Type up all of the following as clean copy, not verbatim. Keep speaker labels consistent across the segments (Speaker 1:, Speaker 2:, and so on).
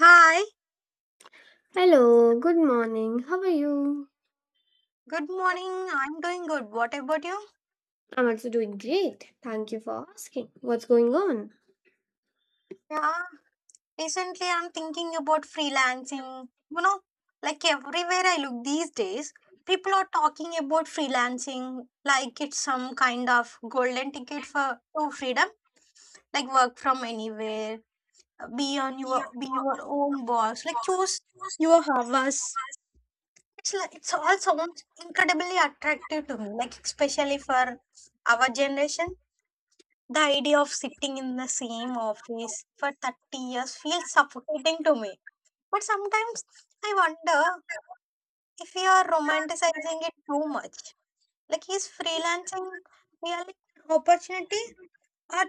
Speaker 1: Hi,
Speaker 2: Hello, good morning. How are you?
Speaker 1: good morning. I'm doing good. What about you?
Speaker 2: I'm also doing great. Thank you for asking. What's going on?
Speaker 1: Yeah, recently I'm thinking about freelancing. Like everywhere I look these days, people are talking about freelancing like it's some kind of golden ticket for to freedom, like work from anywhere, be your own boss, like choose your hours. It's like it's all sounds incredibly attractive to me, like especially for our generation. The idea of sitting in the same office for 30 years feels suffocating to me. But sometimes I wonder if we are romanticizing it too much. Like, is freelancing really an opportunity? Or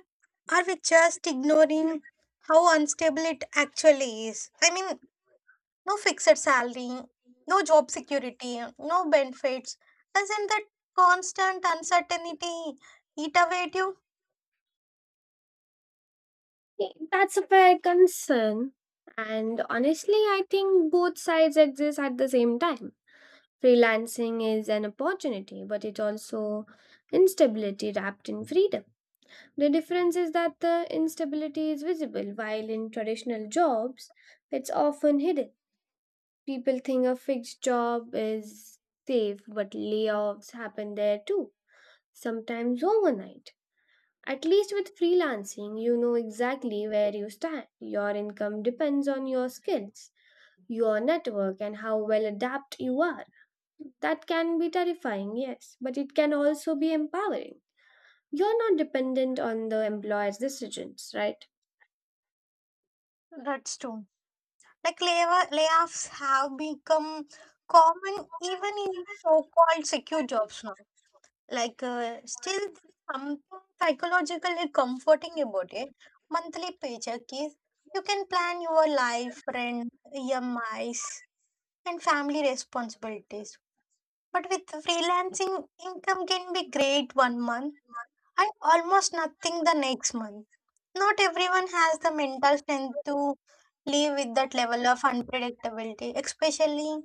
Speaker 1: are we just ignoring how unstable it actually is? I mean, no fixed salary, no job security, no benefits. Doesn't that constant uncertainty eat away at you?
Speaker 2: Yeah, that's a fair concern. And honestly, I think both sides exist at the same time. Freelancing is an opportunity, but it's also instability wrapped in freedom. The difference is that the instability is visible, while in traditional jobs, it's often hidden. People think a fixed job is safe, but layoffs happen there too, sometimes overnight. At least with freelancing, you know exactly where you stand. Your income depends on your skills, your network, and how well adapt you are. That can be terrifying, yes, but it can also be empowering. You're not dependent on the employer's decisions, right?
Speaker 1: That's true. Like layoffs have become common even in so-called secure jobs now. Like still there is something psychologically comforting about it. Monthly paycheck is you can plan your life, rent, EMIs, and family responsibilities. But with freelancing, income can be great one month and almost nothing the next month. Not everyone has the mental strength to live with that level of unpredictability, especially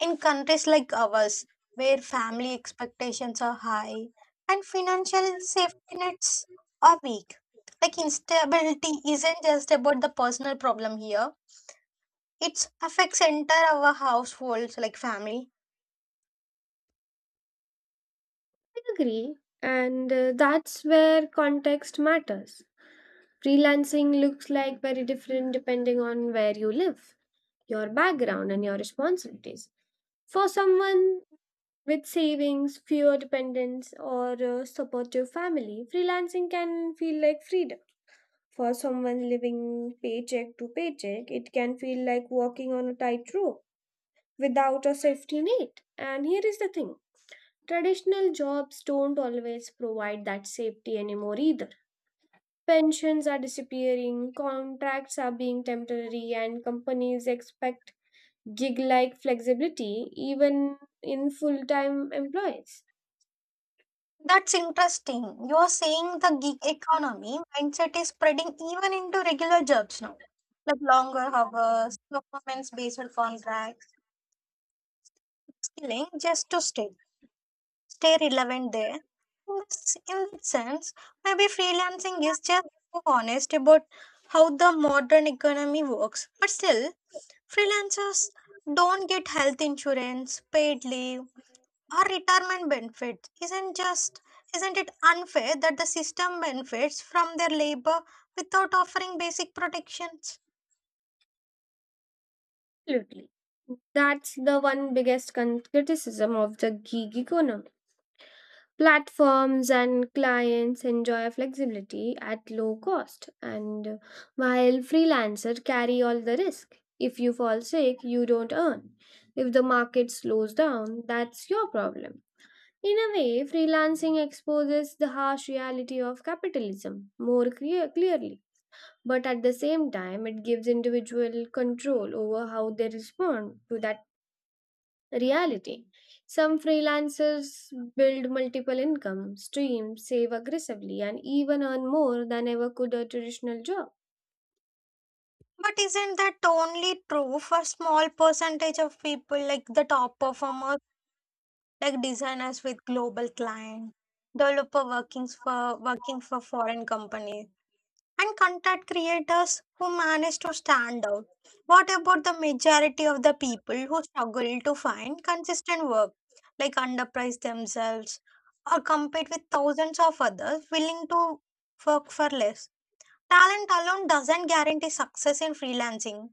Speaker 1: in countries like ours, where family expectations are high and financial safety nets are weak. Like instability isn't just about the personal problem here. It affects entire our households like family.
Speaker 2: I agree, and that's where context matters. Freelancing looks like very different depending on where you live, your background, and your responsibilities. For someone with savings, fewer dependents, or a supportive family, freelancing can feel like freedom. For someone living paycheck to paycheck, it can feel like walking on a tightrope without a safety net. And here is the thing: traditional jobs don't always provide that safety anymore either. Pensions are disappearing, contracts are being temporary, and companies expect gig like flexibility even in full time employees.
Speaker 1: That's interesting. You're saying the gig economy mindset is spreading even into regular jobs now, like longer hours, performance-based contracts, skilling just to stay relevant there. In that sense, maybe freelancing is just so honest about how the modern economy works. But still, freelancers don't get health insurance, paid leave, or retirement benefits isn't it unfair that the system benefits from their labor without offering basic protections?
Speaker 2: Absolutely. That's the one biggest criticism of the gig economy. Platforms and clients enjoy flexibility at low cost, and while freelancers carry all the risk. If you fall sick, you don't earn. If the market slows down, that's your problem. In a way, freelancing exposes the harsh reality of capitalism more clearly. But at the same time, it gives individual control over how they respond to that reality. Some freelancers build multiple income streams, save aggressively, and even earn more than ever could a traditional job.
Speaker 1: But isn't that only true for small percentage of people like the top performers, like designers with global clients, developer working for foreign companies, and content creators who manage to stand out? What about the majority of the people who struggle to find consistent work, like underprice themselves or compete with thousands of others willing to work for less? Talent alone doesn't guarantee success in freelancing,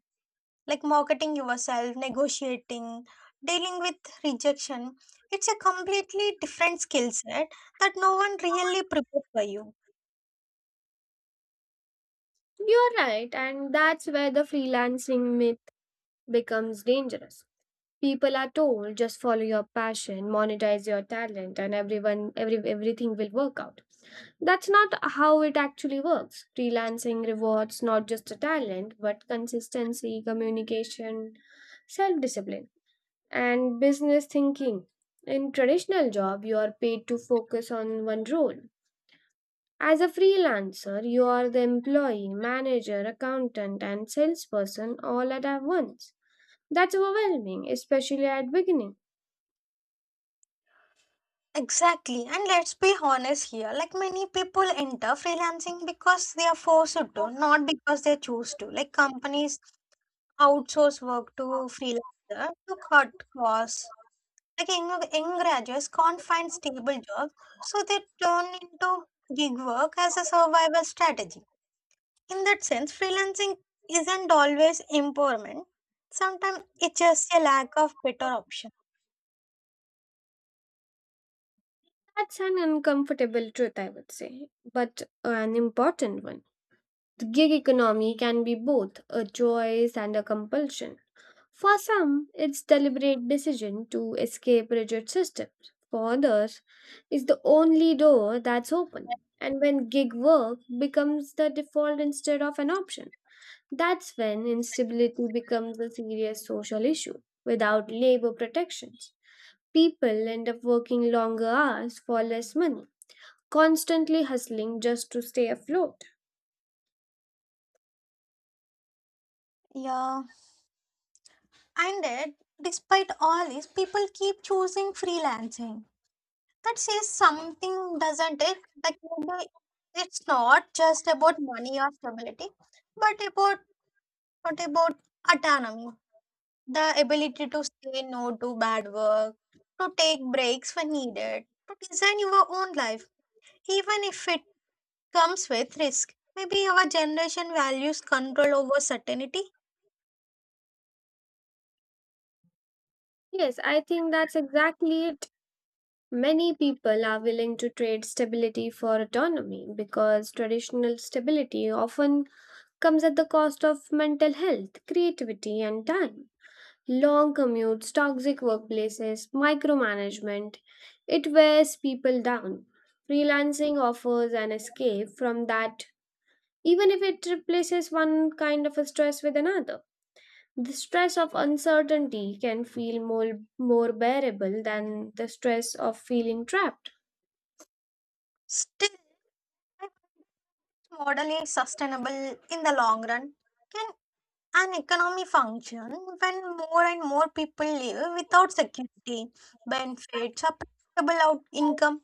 Speaker 1: like marketing yourself, negotiating, dealing with rejection. It's a completely different skill set that no one really prepares for you.
Speaker 2: You're right, and that's where the freelancing myth becomes dangerous. People are told just follow your passion, monetize your talent, and everyone every everything will work out. That's not how it actually works. Freelancing rewards not just a talent, but consistency, communication, self discipline and business thinking. In traditional job, you are paid to focus on one role. As a freelancer, you are the employee, manager, accountant, and salesperson all at a once. That's overwhelming, especially at beginning.
Speaker 1: Exactly, and let's be honest here. Like many people enter freelancing because they are forced to, not because they choose to. Like companies outsource work to freelancer to cut costs. Like young graduates can't find stable jobs, so they turn into gig work as a survival strategy. In that sense, freelancing isn't always empowerment. Sometimes it's just a lack of better option.
Speaker 2: That's an uncomfortable truth, I would say, but an important one. The gig economy can be both a choice and a compulsion. For some, it's deliberate decision to escape rigid systems. For others, it's the only door that's open. And when gig work becomes the default instead of an option, that's when instability becomes a serious social issue. Without labor protections, people end up working longer hours for less money, constantly hustling just to stay afloat.
Speaker 1: Yeah, and yet, despite all this, people keep choosing freelancing. That says something, doesn't it? Like maybe it's not just about money or stability, but about what about autonomy, the ability to say no to bad work, to take breaks when needed, to design your own life, even if it comes with risk. Maybe our generation values control over certainty.
Speaker 2: Yes, I think that's exactly it. Many people are willing to trade stability for autonomy because traditional stability often comes at the cost of mental health, creativity, and time. Long commutes, toxic workplaces, micromanagement, it wears people down. Freelancing offers an escape from that, even if it replaces one kind of a stress with another. The stress of uncertainty can feel more bearable than the stress of feeling trapped.
Speaker 1: Still, model is sustainable in the long run. Can an economy function when more and more people live without security, benefits, or predictable out income?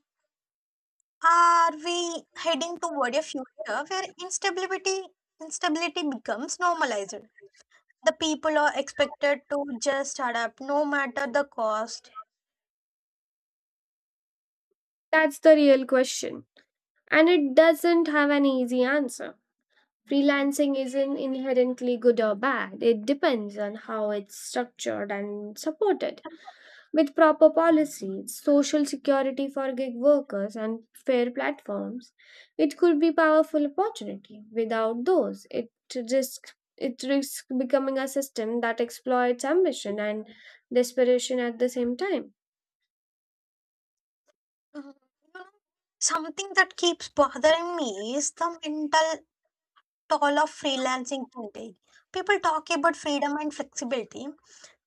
Speaker 1: Are we heading toward a future where instability becomes normalized? The people are expected to just adapt no matter the cost.
Speaker 2: That's the real question. And it doesn't have an easy answer. Freelancing isn't inherently good or bad, it depends on how it's structured and supported. With proper policies, social security for gig workers, and fair platforms, it could be powerful opportunity. Without those, it risks becoming a system that exploits ambition and desperation at the same time.
Speaker 1: Mhm. You know, Something that keeps bothering me is the mental all of freelancing today. People talk about freedom and flexibility,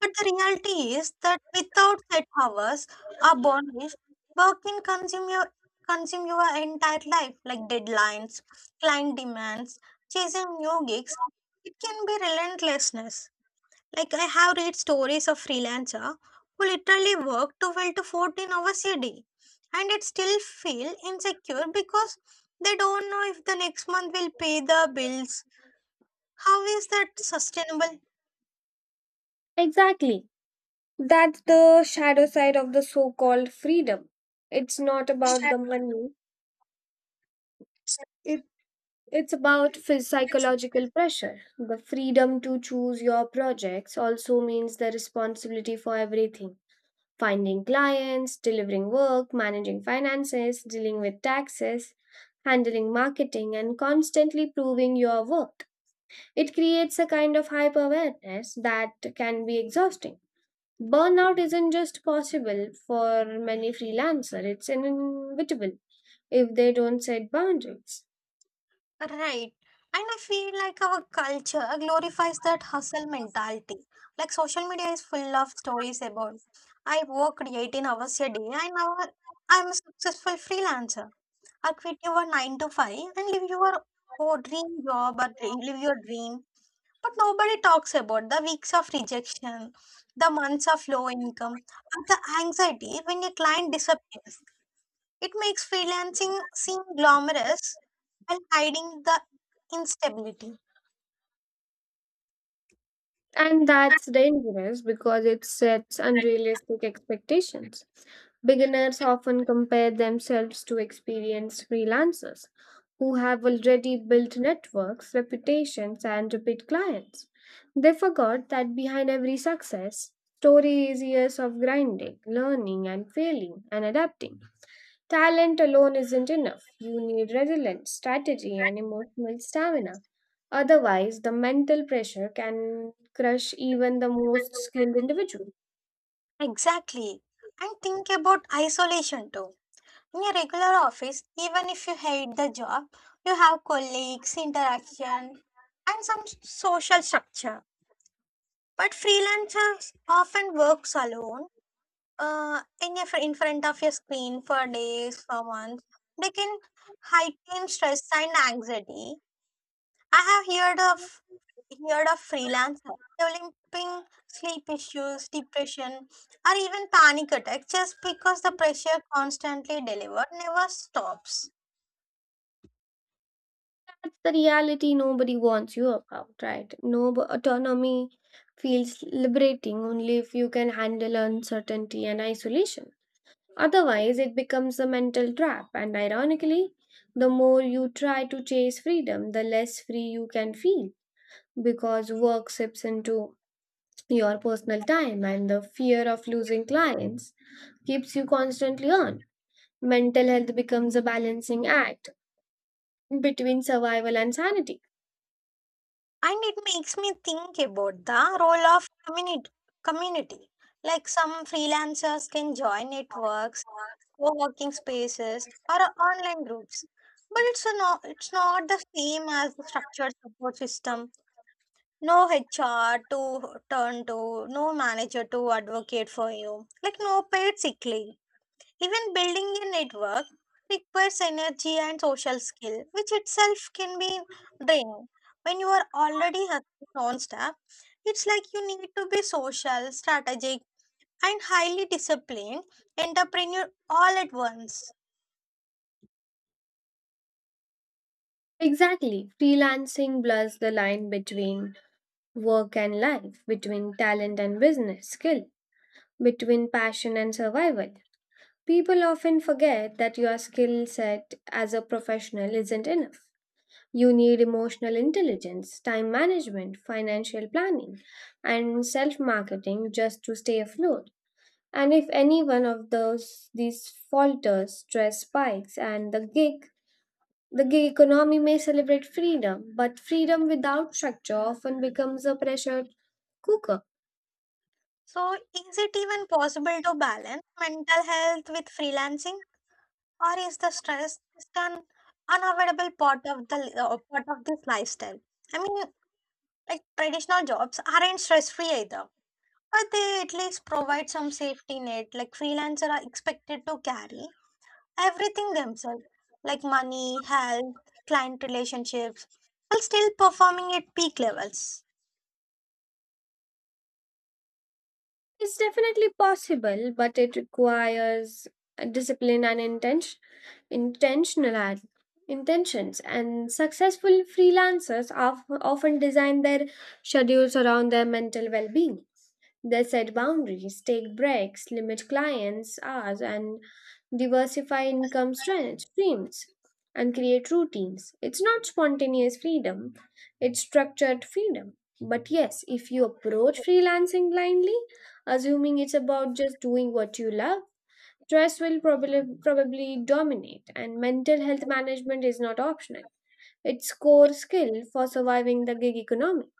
Speaker 1: but the reality is that without set hours or boundaries, work can consume your entire life, like deadlines, client demands, chasing new gigs. It can be relentlessness. Like I have read stories of freelancer who literally work 12 to 14 hours a day and it still feel insecure because they don't know if the next month will pay the bills. How is that sustainable?
Speaker 2: Exactly. That's the shadow side of the so-called freedom. It's not about the money. It, it's about psychological pressure. The freedom to choose your projects also means the responsibility for everything. Finding clients, delivering work, managing finances, dealing with taxes, handling marketing, and constantly proving your worth. It creates a kind of hyper awareness that can be exhausting. Burnout isn't just possible for many freelancers, it's inevitable if they don't set boundaries.
Speaker 1: Right. And I feel like our culture glorifies that hustle mentality. Like social media is full of stories about I worked 18 hours a day and now I'm a successful freelancer. I quit your 9 to 5 and live your oh, dream job live your dream. But nobody talks about the weeks of rejection, the months of low income, or the anxiety when a client disappears. It makes freelancing seem glamorous while hiding the instability.
Speaker 2: And that's dangerous because it sets unrealistic expectations. Beginners often compare themselves to experienced freelancers who have already built networks, reputations, and repeat clients. They forgot that behind every success story is years of grinding, learning, and failing and adapting. Talent alone isn't enough. You need resilience, strategy, and emotional stamina. Otherwise, the mental pressure can crush even the most skilled individual.
Speaker 1: Exactly. And think about isolation too. In a regular office, even if you hate the job, you have colleagues, interaction, and some social structure. But freelancers often works alone, in front of your screen for days, for months. They can heighten stress and anxiety. I have heard of freelancer developing sleep issues, depression, or even panic attacks just because the pressure constantly delivered never stops.
Speaker 2: That's the reality nobody wants you about, right? No b- Autonomy feels liberating only if you can handle uncertainty and isolation. Otherwise, it becomes a mental trap, and ironically, the more you try to chase freedom, the less free you can feel because work sips into your personal time and the fear of losing clients keeps you constantly on. Mental health becomes a balancing act between survival and sanity.
Speaker 1: And it makes me think about the role of community. Community, like some freelancers can join networks, co-working spaces, or online groups, but it's not the same as the structured support system. No HR to turn to, no manager to advocate for you, like no paid sick leave. Even building a network requires energy and social skill, which itself can be draining. When you are already hustling non-stop, it's like you need to be social, strategic, and highly disciplined entrepreneur all at once.
Speaker 2: Exactly. Freelancing blurs the line between work and life, between talent and business skill, between passion and survival. People often forget that your skill set as a professional isn't enough. You need emotional intelligence, time management, financial planning, and self marketing just to stay afloat. And if any one of those these falters, stress spikes, and the gig economy may celebrate freedom, but freedom without structure often becomes a pressure cooker.
Speaker 1: So, is it even possible to balance mental health with freelancing? Or is the stress just an unavoidable part of this lifestyle? I mean, like traditional jobs aren't stress free either, but they at least provide some safety net. Like freelancers are expected to carry everything themselves, like money, health, client relationships, while still performing at peak levels.
Speaker 2: It's definitely possible, but it requires a discipline and intentional ad- intentions. And successful freelancers often design their schedules around their mental well-being. They set boundaries, take breaks, limit clients' hours, and diversify streams and create routines. It's not spontaneous freedom, it's structured freedom. But yes, if you approach freelancing blindly, assuming it's about just doing what you love, stress will probably dominate and mental health management is not optional. It's core skill for surviving the gig economy.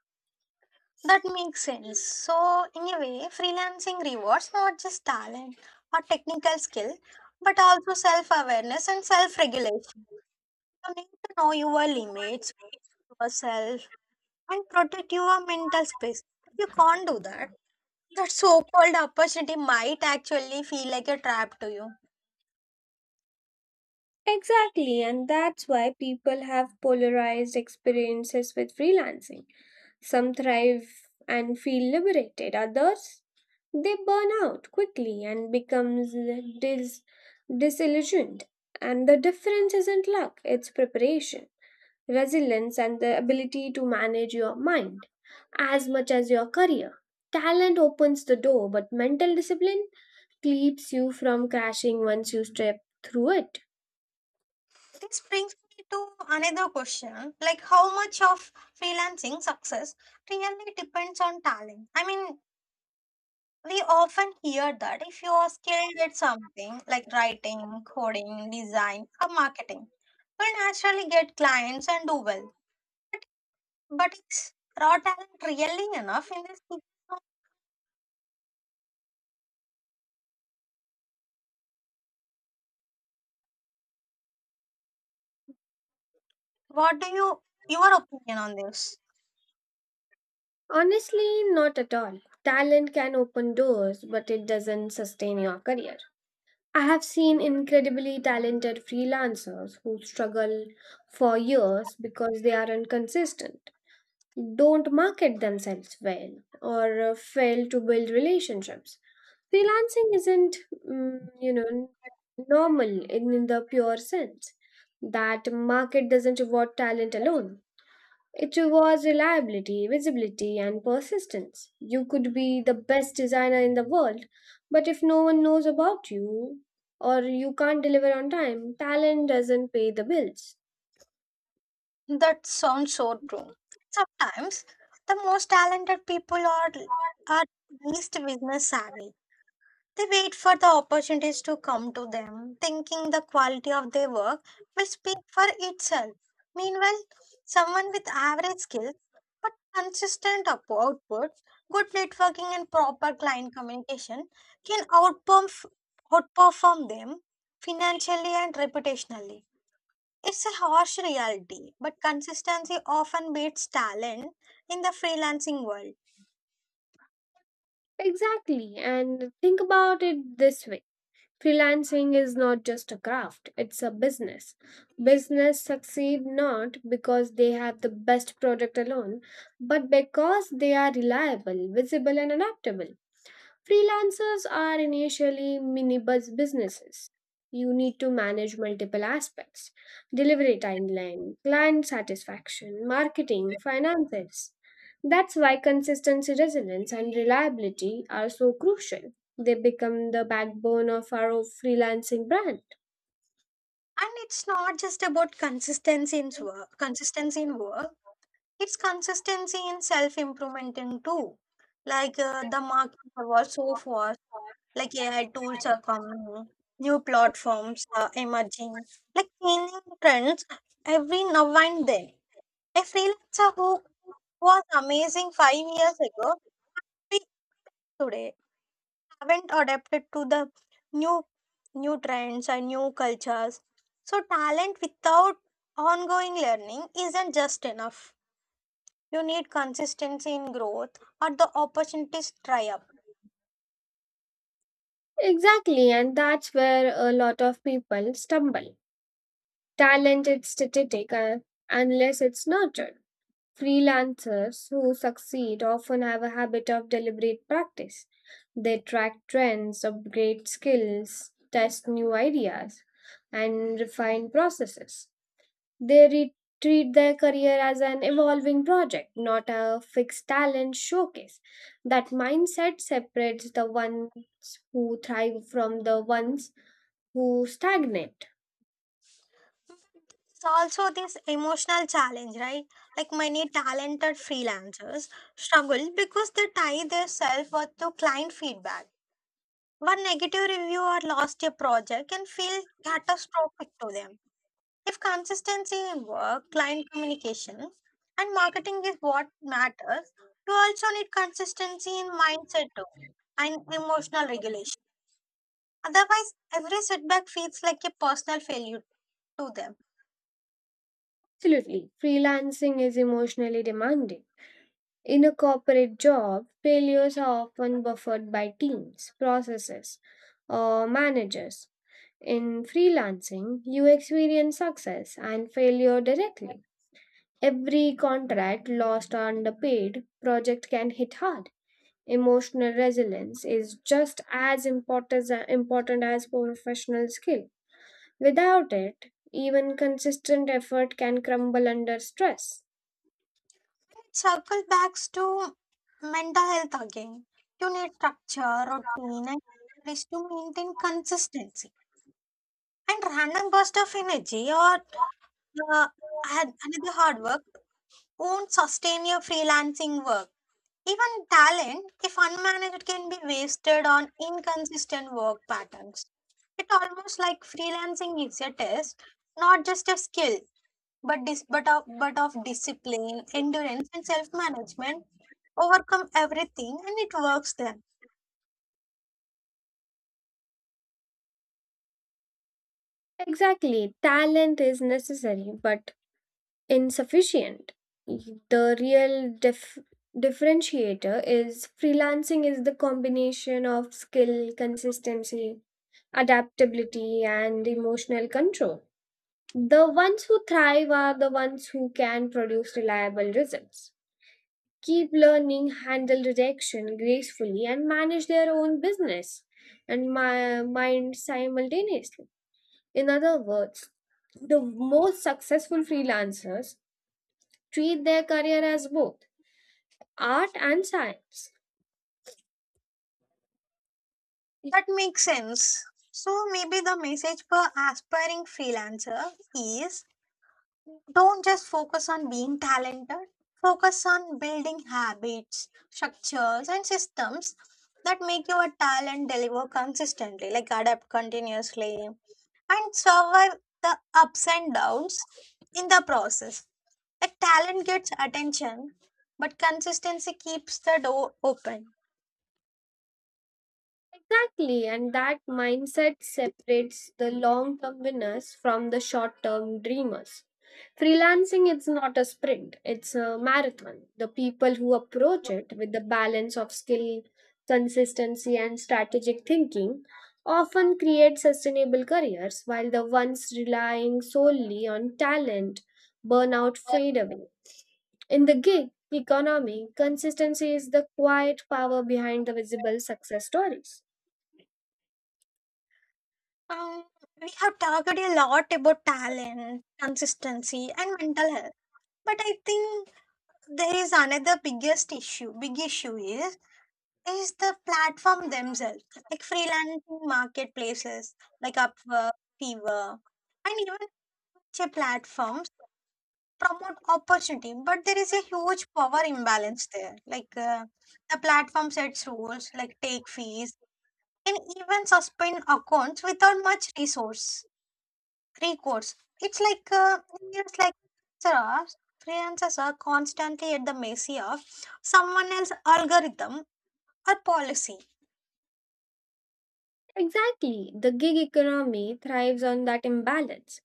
Speaker 1: That makes sense. So, in a way, freelancing rewards not just talent or technical skill, but also self awareness and self regulation. You need to know your limits, yourself, and protect your mental space. If you can't do that, that so called opportunity might actually feel like a trap to you.
Speaker 2: Exactly, and that's why people have polarized experiences with freelancing. Some thrive and feel liberated, others they burn out quickly and becomes dis- disillusioned. And the difference isn't luck, it's preparation, resilience and the ability to manage your mind as much as your career. Talent opens the door, but mental discipline keeps you from crashing once you step through it.
Speaker 1: This brings me to another question like, how much of freelancing success really depends on talent? I mean, we often hear that if you are skilled at something like writing, coding, design, or marketing, you will naturally get clients and do well. But is raw talent really enough in this economy? What do you your opinion on this?
Speaker 2: Honestly, not at all. Talent can open doors, but it doesn't sustain your career. I have seen incredibly talented freelancers who struggle for years because they aren't consistent, don't market themselves well, or fail to build relationships. Freelancing isn't, mm, you know, normal in the pure sense that market doesn't reward talent alone. It was reliability, visibility, and persistence. You could be the best designer in the world, but if no one knows about you or you can't deliver on time, talent doesn't pay the bills.
Speaker 1: That sounds so true. Sometimes the most talented people are least business savvy. They wait for the opportunities to come to them, thinking the quality of their work will speak for itself. Meanwhile, someone with average skills but consistent output, good networking, and proper client communication can outperform them financially and reputationally. It's a harsh reality, but consistency often beats talent in the freelancing world.
Speaker 2: Exactly, and think about it this way: freelancing is not just a craft, it's a business. Business succeed not because they have the best product alone, but because they are reliable, visible, and adaptable. Freelancers are initially mini bus businesses. You need to manage multiple aspects: delivery timeline, client satisfaction, marketing, finances. That's why consistency, resilience, and reliability are so crucial. They become the backbone of our freelancing brand.
Speaker 1: And it's not just about consistency in work. It's consistency in self improvement in too. Like the market was so fast, like AI tools are coming, new platforms are emerging, like changing trends every now and then. A freelancer who was amazing 5 years ago, we today haven't adapted to the new new trends and new cultures. So talent without ongoing learning isn't just enough. You need consistency in growth or the opportunities dry up.
Speaker 2: Exactly, and that's where a lot of people stumble. Talent is static unless it's nurtured. Freelancers who succeed often have a habit of deliberate practice. They track trends, upgrade skills, test new ideas, and refine processes. They re- treat their career as an evolving project, not a fixed talent showcase. That mindset separates the ones who thrive from the ones who stagnate.
Speaker 1: It's also this emotional challenge, right? Like many talented freelancers struggle because they tie their self-worth to client feedback. One negative review or lost a project can feel catastrophic to them. If consistency in work, client communication, and marketing is what matters, you also need consistency in mindset too and emotional regulation. Otherwise, every setback feels like a personal failure to them.
Speaker 2: Absolutely, freelancing is emotionally demanding. In a corporate job, failures are often buffered by teams, processes, or managers. In freelancing, you experience success and failure directly. Every contract lost or underpaid project can hit hard. Emotional resilience is just as important as professional skill. Without it, even consistent effort can crumble under stress.
Speaker 1: It circles back to mental health again. You need structure, routine, and rest to maintain consistency. And random burst of energy or uh, another hard work won't sustain your freelancing work. Even talent, if unmanaged, can be wasted on inconsistent work patterns. It almost like freelancing is a test, not just a skill, but of discipline, endurance, and self management overcome everything, and it works then.
Speaker 2: Exactly, talent is necessary, but insufficient. The real differentiator is freelancing is the combination of skill, consistency, adaptability, and emotional control. The ones who thrive are the ones who can produce reliable results, keep learning, handle rejection gracefully, and manage their own business and my mind simultaneously. In other words, the most successful freelancers treat their career as both art and science.
Speaker 1: That makes sense. So maybe the message for aspiring freelancer is don't just focus on being talented. Focus on building habits, structures, and systems that make your talent deliver consistently, like adapt continuously and survive the ups and downs in the process. The talent gets attention, but consistency keeps the door open.
Speaker 2: Exactly, and that mindset separates the long term winners from the short term dreamers. Freelancing is not a sprint, it's a marathon. The people who approach it with the balance of skill, consistency, and strategic thinking often create sustainable careers, while the ones relying solely on talent burn out fade away. In the gig economy, consistency is the quiet power behind the visible success stories.
Speaker 1: Um, we have talked a lot about talent, consistency, and mental health. But I think there is another biggest issue. Big issue is the platform themselves, like freelancing marketplaces like Upwork, Fiverr, and even such platforms promote opportunity, but there is a huge power imbalance there. Like the platform sets rules like take fees and even suspend accounts without much resource recourse It's like it feels like freelancers freelancers are constantly at the mercy of someone else's algorithm or policy.
Speaker 2: Exactly, the gig economy thrives on that imbalance.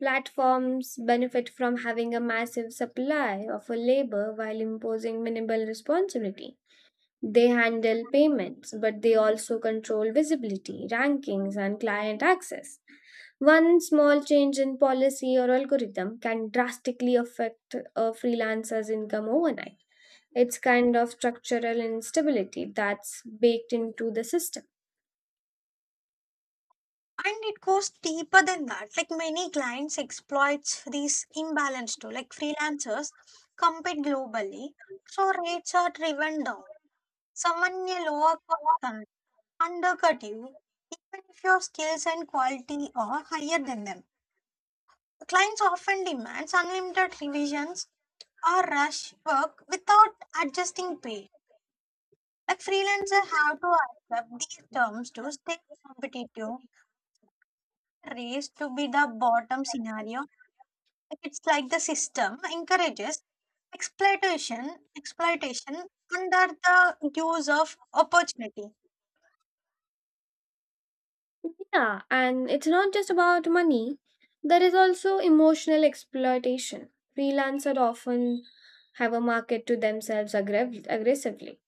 Speaker 2: Platforms benefit from having a massive supply of a labor while imposing minimal responsibility. They handle payments, but they also control visibility, rankings, and client access. One small change in policy or algorithm can drastically affect a freelancer's income overnight. It's kind of structural instability that's baked into the system.
Speaker 1: And it goes deeper than that. Like many clients exploits these imbalance too. Like freelancers compete globally, so rates are driven down. Someone may lower cost can undercut you, even if your skills and quality are higher than them. Clients often demand unlimited revisions or rush work without adjusting pay. Like freelancers have to accept these terms to stay competitive, race to be the bottom scenario. Like, it's like the system encourages exploitation under the use of opportunity.
Speaker 2: Yeah, and it's not just about money, there is also emotional exploitation. Freelancers often have a market to themselves aggressively,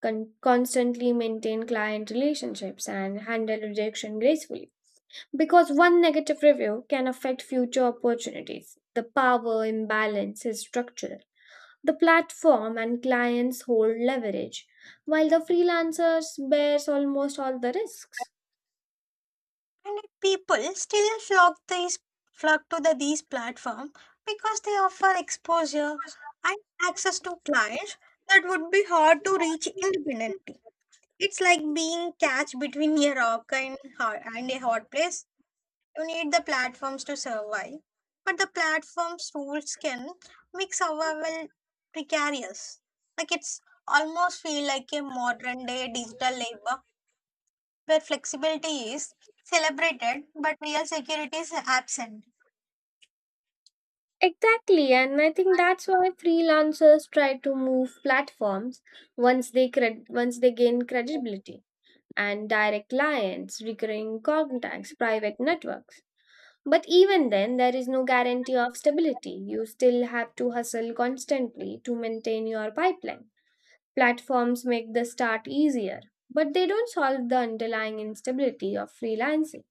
Speaker 2: constantly maintain client relationships, and handle rejection gracefully. Because one negative review can affect future opportunities. The power imbalance is structural. The platform and clients hold leverage, while the freelancers bears almost all the risks.
Speaker 1: And yet people still flock to these platform because they offer exposure and access to clients that would be hard to reach independently. It's like being catch between a rock and a hard place. You need the platforms to survive, but the platforms' rules can make survival precarious. Like it's almost feel like a modern day digital labor where flexibility is celebrated but real security is absent.
Speaker 2: Exactly, and I think that's why freelancers try to move platforms once they gain credibility and direct clients, recurring contacts, private networks. But even then, there is no guarantee of stability. You still have to hustle constantly to maintain your pipeline. Platforms make the start easier, but they don't solve the underlying instability of freelancing.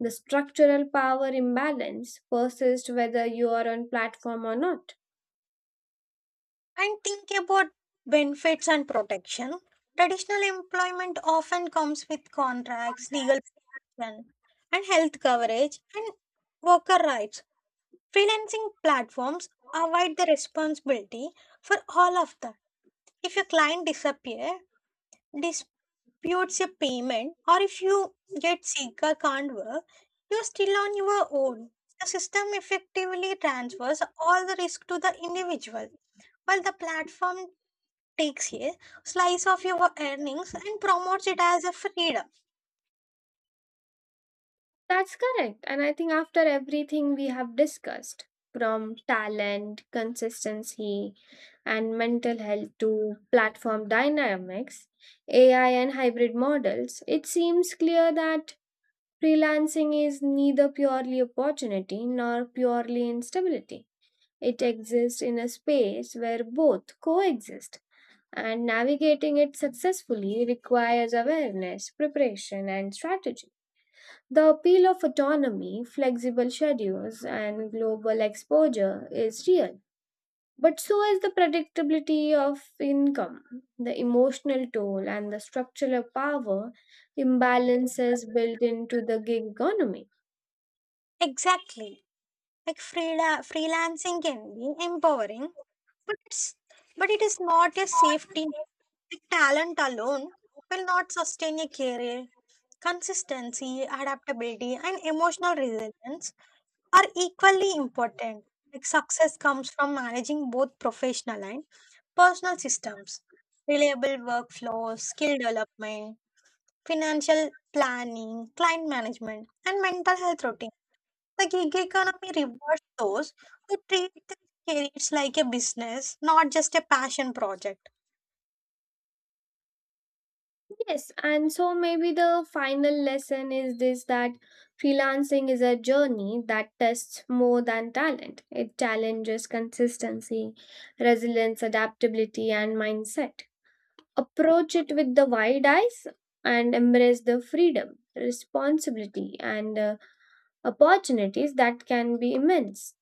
Speaker 2: The structural power imbalance persists whether you are on platform or not.
Speaker 1: And think about benefits and protection. Traditional employment often comes with contracts, legal protection, and health coverage and worker rights. Freelancing platforms provide the responsibility for all of that. If your client disappear, dis- disputes a payment or if you get sick or can't work, you're still on your own. The system effectively transfers all the risk to the individual, while the platform takes a slice of your earnings and promotes it as a freedom.
Speaker 2: That's correct. And I think after everything we have discussed, from talent, consistency, and mental health to platform dynamics, AI and hybrid models, it seems clear that freelancing is neither purely opportunity nor purely instability. It exists in a space where both coexist, and navigating it successfully requires awareness, preparation, and strategy. The appeal of autonomy, flexible schedules, and global exposure is real, but so is the predictability of income, the emotional toll, and the structural power imbalances built into the gig economy.
Speaker 1: Exactly. Like freelancing can be empowering, but it's but it is not a safety net. Talent alone will not sustain a career. Consistency, adaptability, and emotional resilience are equally important. Like success comes from managing both professional and personal systems, reliable workflows, skill development, financial planning, client management, and mental health routine. The gig economy rewards those who treat their careers like a business, not just a passion project.
Speaker 2: Yes, and so maybe the final lesson is this that freelancing is a journey that tests more than talent. It challenges consistency, resilience, adaptability, and mindset. Approach it with the wide eyes and embrace the freedom, responsibility, and opportunities that can be immense.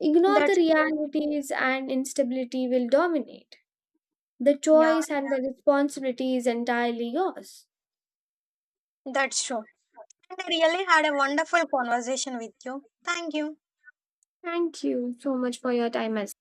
Speaker 2: Ignore the
Speaker 1: That's true.
Speaker 2: realities and instability will dominate. The
Speaker 1: Yeah,
Speaker 2: choice and the responsibility is entirely yours.
Speaker 1: that's true. And I really had a wonderful conversation with you. Thank you.
Speaker 2: Thank you so much for your time as